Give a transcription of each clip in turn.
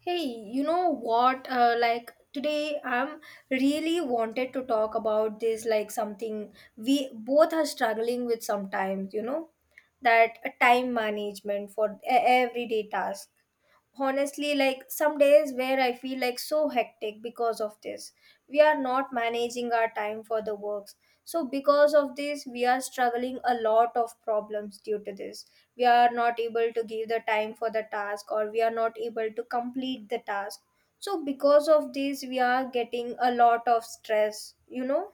Hey, you know what? Like today, I'm really wanted to talk about this, like something we both are struggling with sometimes, you know, that time management for everyday task. Honestly, like some days where I feel like so hectic because of this, we are not managing our time for the works. So because of this we are struggling a lot of problems due to this. We are not able to give the time for the task or we are not able to complete the task. So because of this we are getting a lot of stress, you know.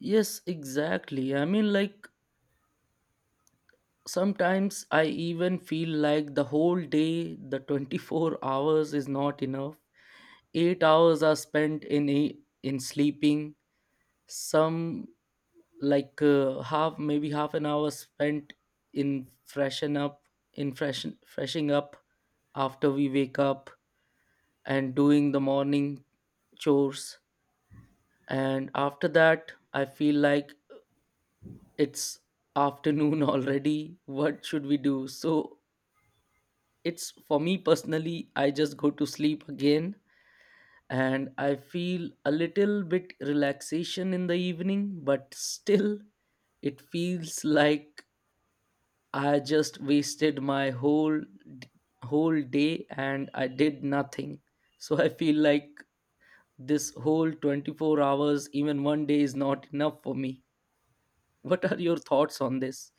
Yes, exactly. Sometimes I even feel like the whole day, the 24 hours is not enough. 8 hours are spent in sleeping. Some like Half, maybe half an hour spent in freshen up, in freshen freshing up after we wake up and doing the morning chores. And after that, I feel like it's afternoon already. What should we do? So it's, for me personally, I just go to sleep again, and I feel a little bit relaxation in the evening, but still it feels like I just wasted my whole day and I did nothing. So I feel like this whole 24 hours, even one day, is not enough for me. What are your thoughts on this?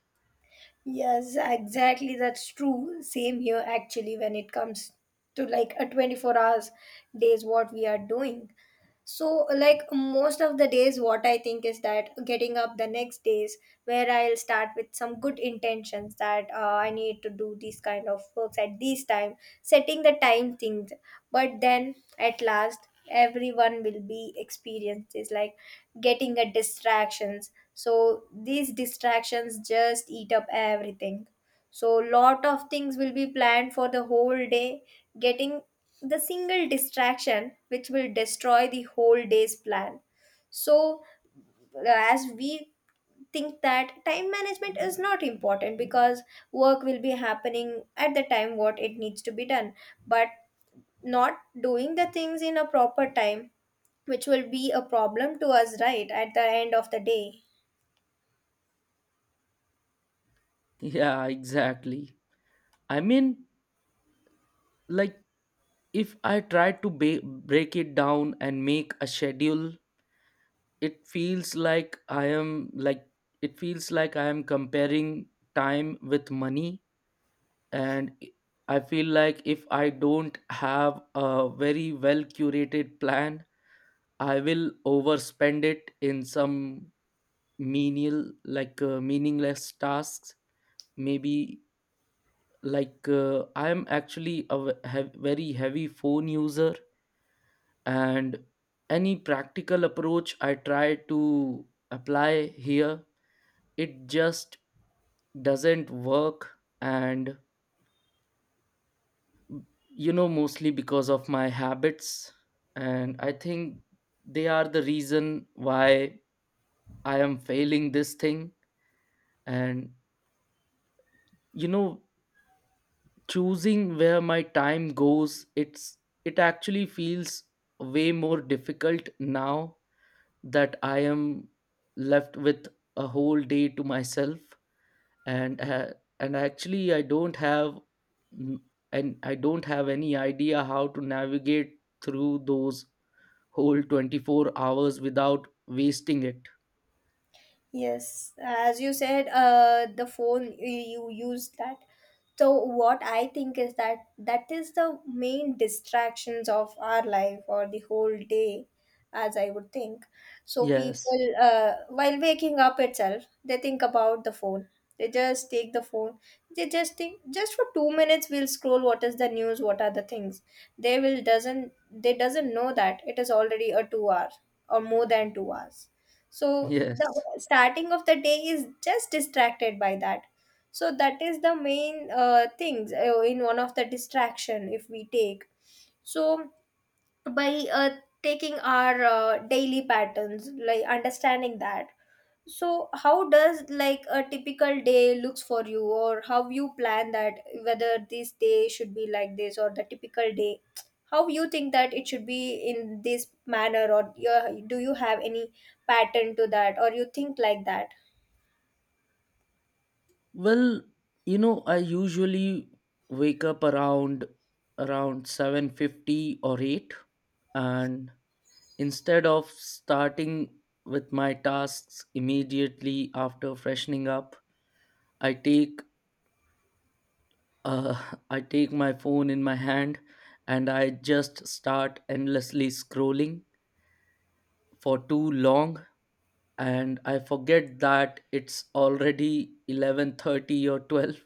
Yes, exactly. That's true. Same here, actually, when it comes to like a 24 hours days, what we are doing. So, like most of the days, what I think is that getting up the next days, where I'll start with some good intentions that I need to do these kind of works at this time, setting the time things. But then at last, everyone will be experiences like getting a distractions. So these distractions just eat up everything. So lot of things will be planned for the whole day, getting the single distraction which will destroy the whole day's plan. So as we think that time management is not important because work will be happening at the time what it needs to be done, but not doing the things in a proper time, which will be a problem to us right at the end of the day. Yeah, exactly. I mean, like if I try to break it down and make a schedule, it feels like I am like, it feels like I am comparing time with money. And I feel like if I don't have a very well curated plan, I will overspend it in some menial, meaningless tasks. Maybe I am actually a very heavy phone user, and any practical approach I try to apply here, it just doesn't work. And mostly because of my habits, and I think they are the reason why I am failing this thing. And you know choosing where my time goes, it actually feels way more difficult now that I am left with a whole day to myself, and uh, and actually I don't have n- and I don't have any idea how to navigate through those whole 24 hours without wasting it. Yes, as you said, the phone you use that. So what I think is that that is the main distractions of our life or the whole day, as I would think. So Yes, people, while waking up itself, they think about the phone. They just take the phone. They just think just for 2 minutes we'll scroll. What is the news? What are the things? They will doesn't they doesn't know that it is already a 2 hour or more than 2 hours. So the yes. Starting of the day is just distracted by that. So that is the main things in one of the distraction, if we take. So by taking our daily patterns, like understanding that, so how does like a typical day looks for you, or how you plan that, whether this day should be like this or the typical day, how you think that it should be in this manner, or do you have any pattern to that or you think like that? Well, you know, I usually wake up around 7:50 or 8, and instead of starting with my tasks immediately after freshening up, I take uh, I take my phone in my hand and I just start endlessly scrolling for too long, and I forget that it's already 11:30 or 12.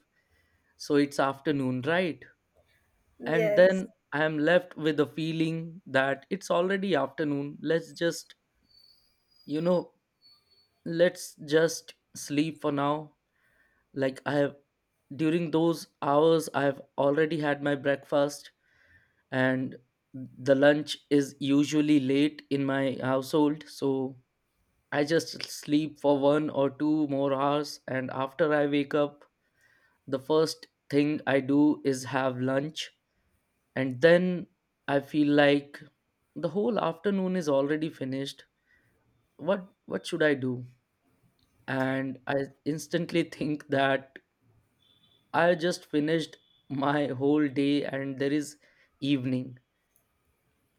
So it's afternoon, right? And Yes. then I am left with a feeling that it's already afternoon. Let's just you know let's just sleep for now. Like, I have, during those hours, I have already had my breakfast, and the lunch is usually late in my household, so I just sleep for one or two more hours, and after I wake up, the first thing I do is have lunch. And then I feel like the whole afternoon is already finished. What should I do? And I instantly think that I just finished my whole day and there is evening.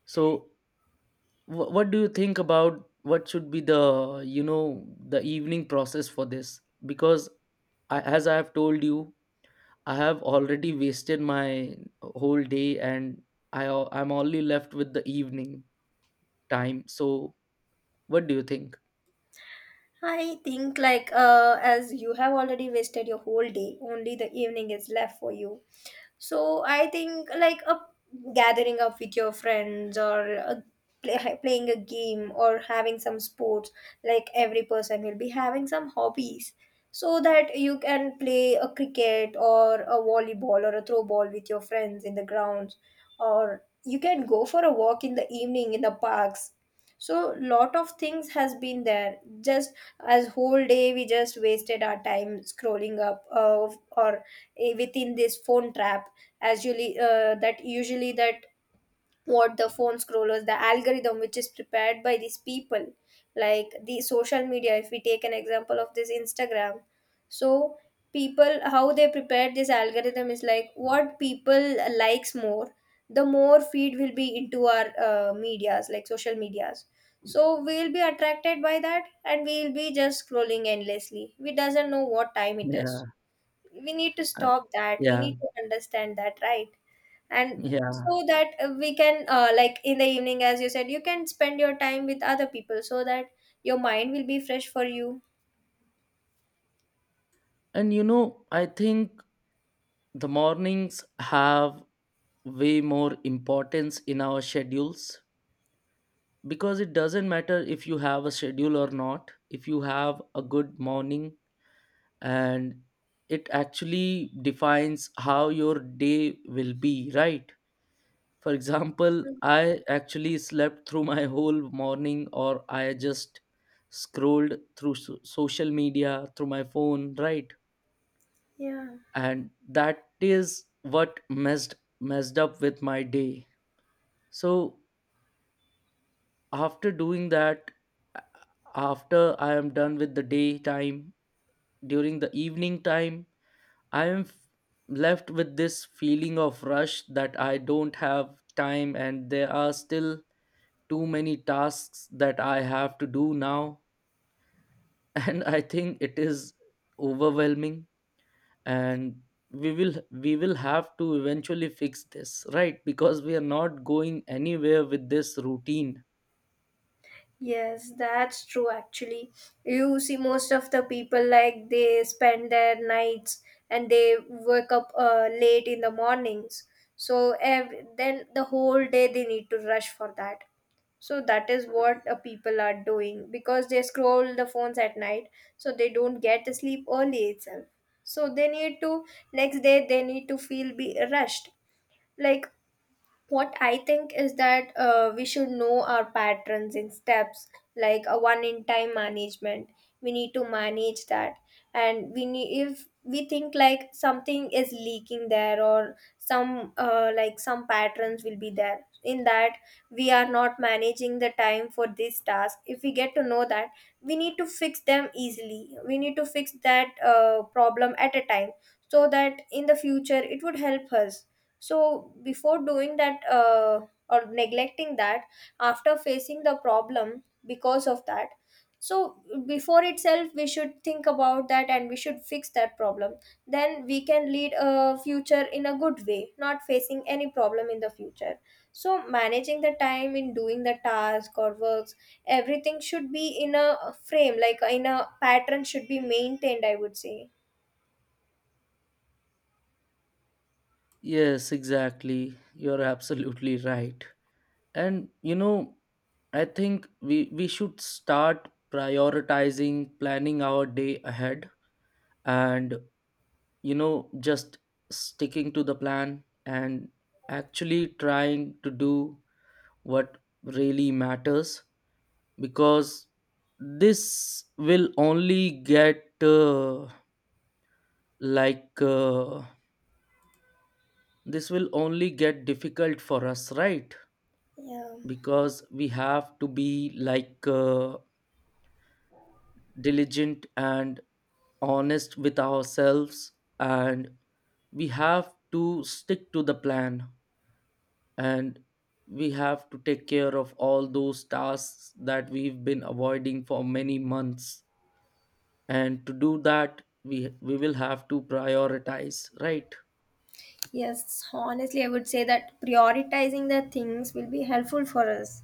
So what do you think about what should be, the you know, the evening process for this? Because I, as I have told you, I have already wasted my whole day, and I'm only left with the evening time. So what do you think? I think like as you have already wasted your whole day, only the evening is left for you. So I think like a gathering up with your friends, or a, playing a game or having some sports, like every person will be having some hobbies, so that you can play a cricket or a volleyball or a throw ball with your friends in the grounds, or you can go for a walk in the evening in the parks. So lot of things has been there, just as whole day we just wasted our time scrolling up or within this phone trap. As usually that usually that what the phone scrollers, the algorithm which is prepared by these people, like the social media, if we take an example of this Instagram. So people, how they prepared this algorithm is like what people likes more, the more feed will be into our medias like social medias. So we'll be attracted by that and we'll be just scrolling endlessly, we doesn't know what time it is. Yeah, We need to uh, stop that, we yeah, need to understand that, right? And yeah. so that we can, like in the evening, as you said, you can spend your time with other people so that your mind will be fresh for you. And you know, I think the mornings have way more importance in our schedules, because it doesn't matter if you have a schedule or not if you have a good morning, and it actually defines how your day will be, right? For example, Mm, I actually slept through my whole morning, or I just scrolled through social media through my phone, right? yeah, And that is what messed up with my day. So after doing that, a- after I am done with the daytime, during the evening time, i am f- left with this feeling of rush that I don't have time, and there are still too many tasks that I have to do now. And I think it is overwhelming, and we will have to eventually fix this, right? Because we are not going anywhere with this routine. yes, that's true actually. You see most of the people, like they spend their nights and they wake up late in the mornings. So then the whole day they need to rush for that. So that is what people are doing, because they scroll the phones at night, so they don't get sleep early itself. So they need to, next day they need to feel be rushed. Like what I think is that we should know our patterns in steps, like a one in time management, we need to manage that. And we need, if we think like something is leaking there or some like some patterns will be there in that, we are not managing the time for this task, if we get to know that, we need to fix them easily, we need to fix that problem at a time, so that in the future it would help us. So, before doing that, or neglecting that, after facing the problem because of that, so before itself, we should think about that and we should fix that problem. Then we can lead a future in a good way, not facing any problem in the future. So, managing the time in doing the task or works, everything should be in a frame, like in a pattern, should be maintained, I would say. Yes, exactly. You're absolutely right. And you know, I think we should start prioritizing planning our day ahead, and, you know, just sticking to the plan and actually trying to do what really matters. Because this will only get like uh, this will only get difficult for us, right? Yeah. Because we have to be diligent and honest with ourselves, and we have to stick to the plan, and we have to take care of all those tasks that we've been avoiding for many months. And to do that, we will have to prioritize, right? Yes, honestly, I would say that prioritizing the things will be helpful for us.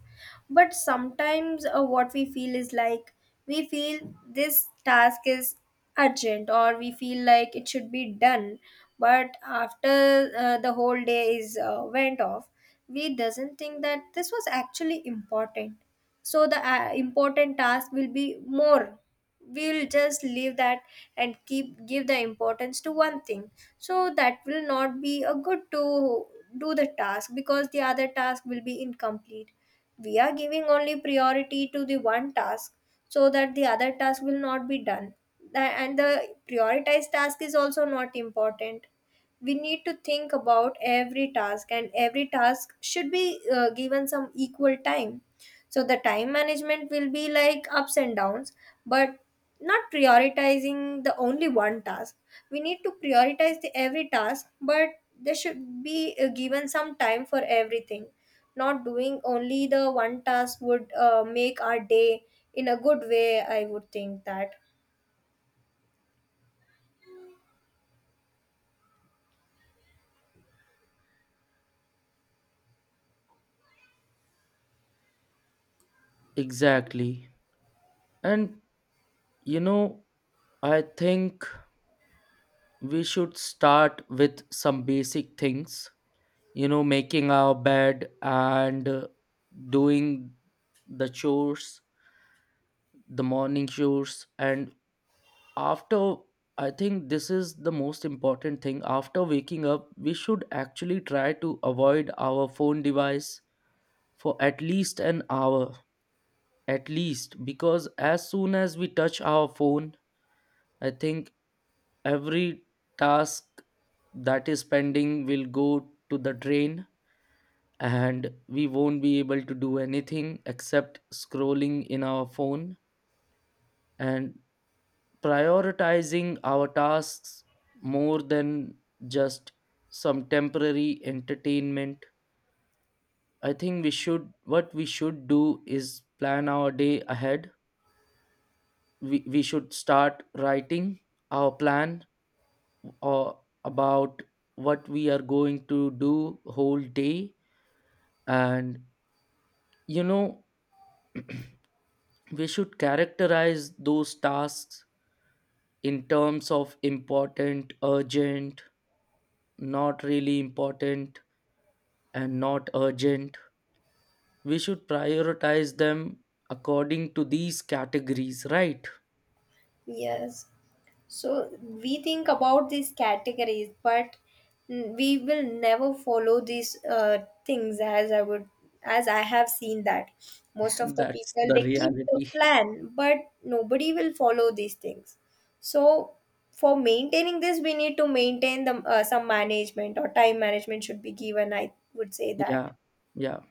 But sometimes what we feel is like we feel this task is urgent, or we feel like it should be done. But after the whole day is went off, we doesn't think that this was actually important. So the important task will be more, we'll just leave that and keep give the importance to one thing. So that will not be a good to do the task, because the other task will be incomplete, we are giving only priority to the one task, so that the other task will not be done. And the prioritized task is also not important. We need to think about every task, and every task should be given some equal time. So the time management will be like ups and downs, but not prioritizing the only one task. We need to prioritize the every task, but there should be given some time for everything. Not doing only the one task would make our day in a good way, I would think that. Exactly. And you know, I think we should start with some basic things, you know, making our bed and doing the chores, the morning chores. And after, I think this is the most important thing, after waking up we should actually try to avoid our phone device for at least an hour. At least, because as soon as we touch our phone, I think every task that is pending will go to the drain, and we won't be able to do anything except scrolling in our phone. And prioritizing our tasks more than just some temporary entertainment, I think we should, what we should do is plan our day ahead. We should start writing our plan, or about what we are going to do whole day. And, you know, we should characterize those tasks in terms of important, urgent, not really important, and not urgent. We should prioritize them according to these categories, right? Yes. So we think about these categories, but we will never follow these things, as I would, as I have seen that most of the That's people the they keep the reality. plan, but nobody will follow these things. So for maintaining this, we need to maintain the some management or time management should be given. I would say that. Yeah, yeah.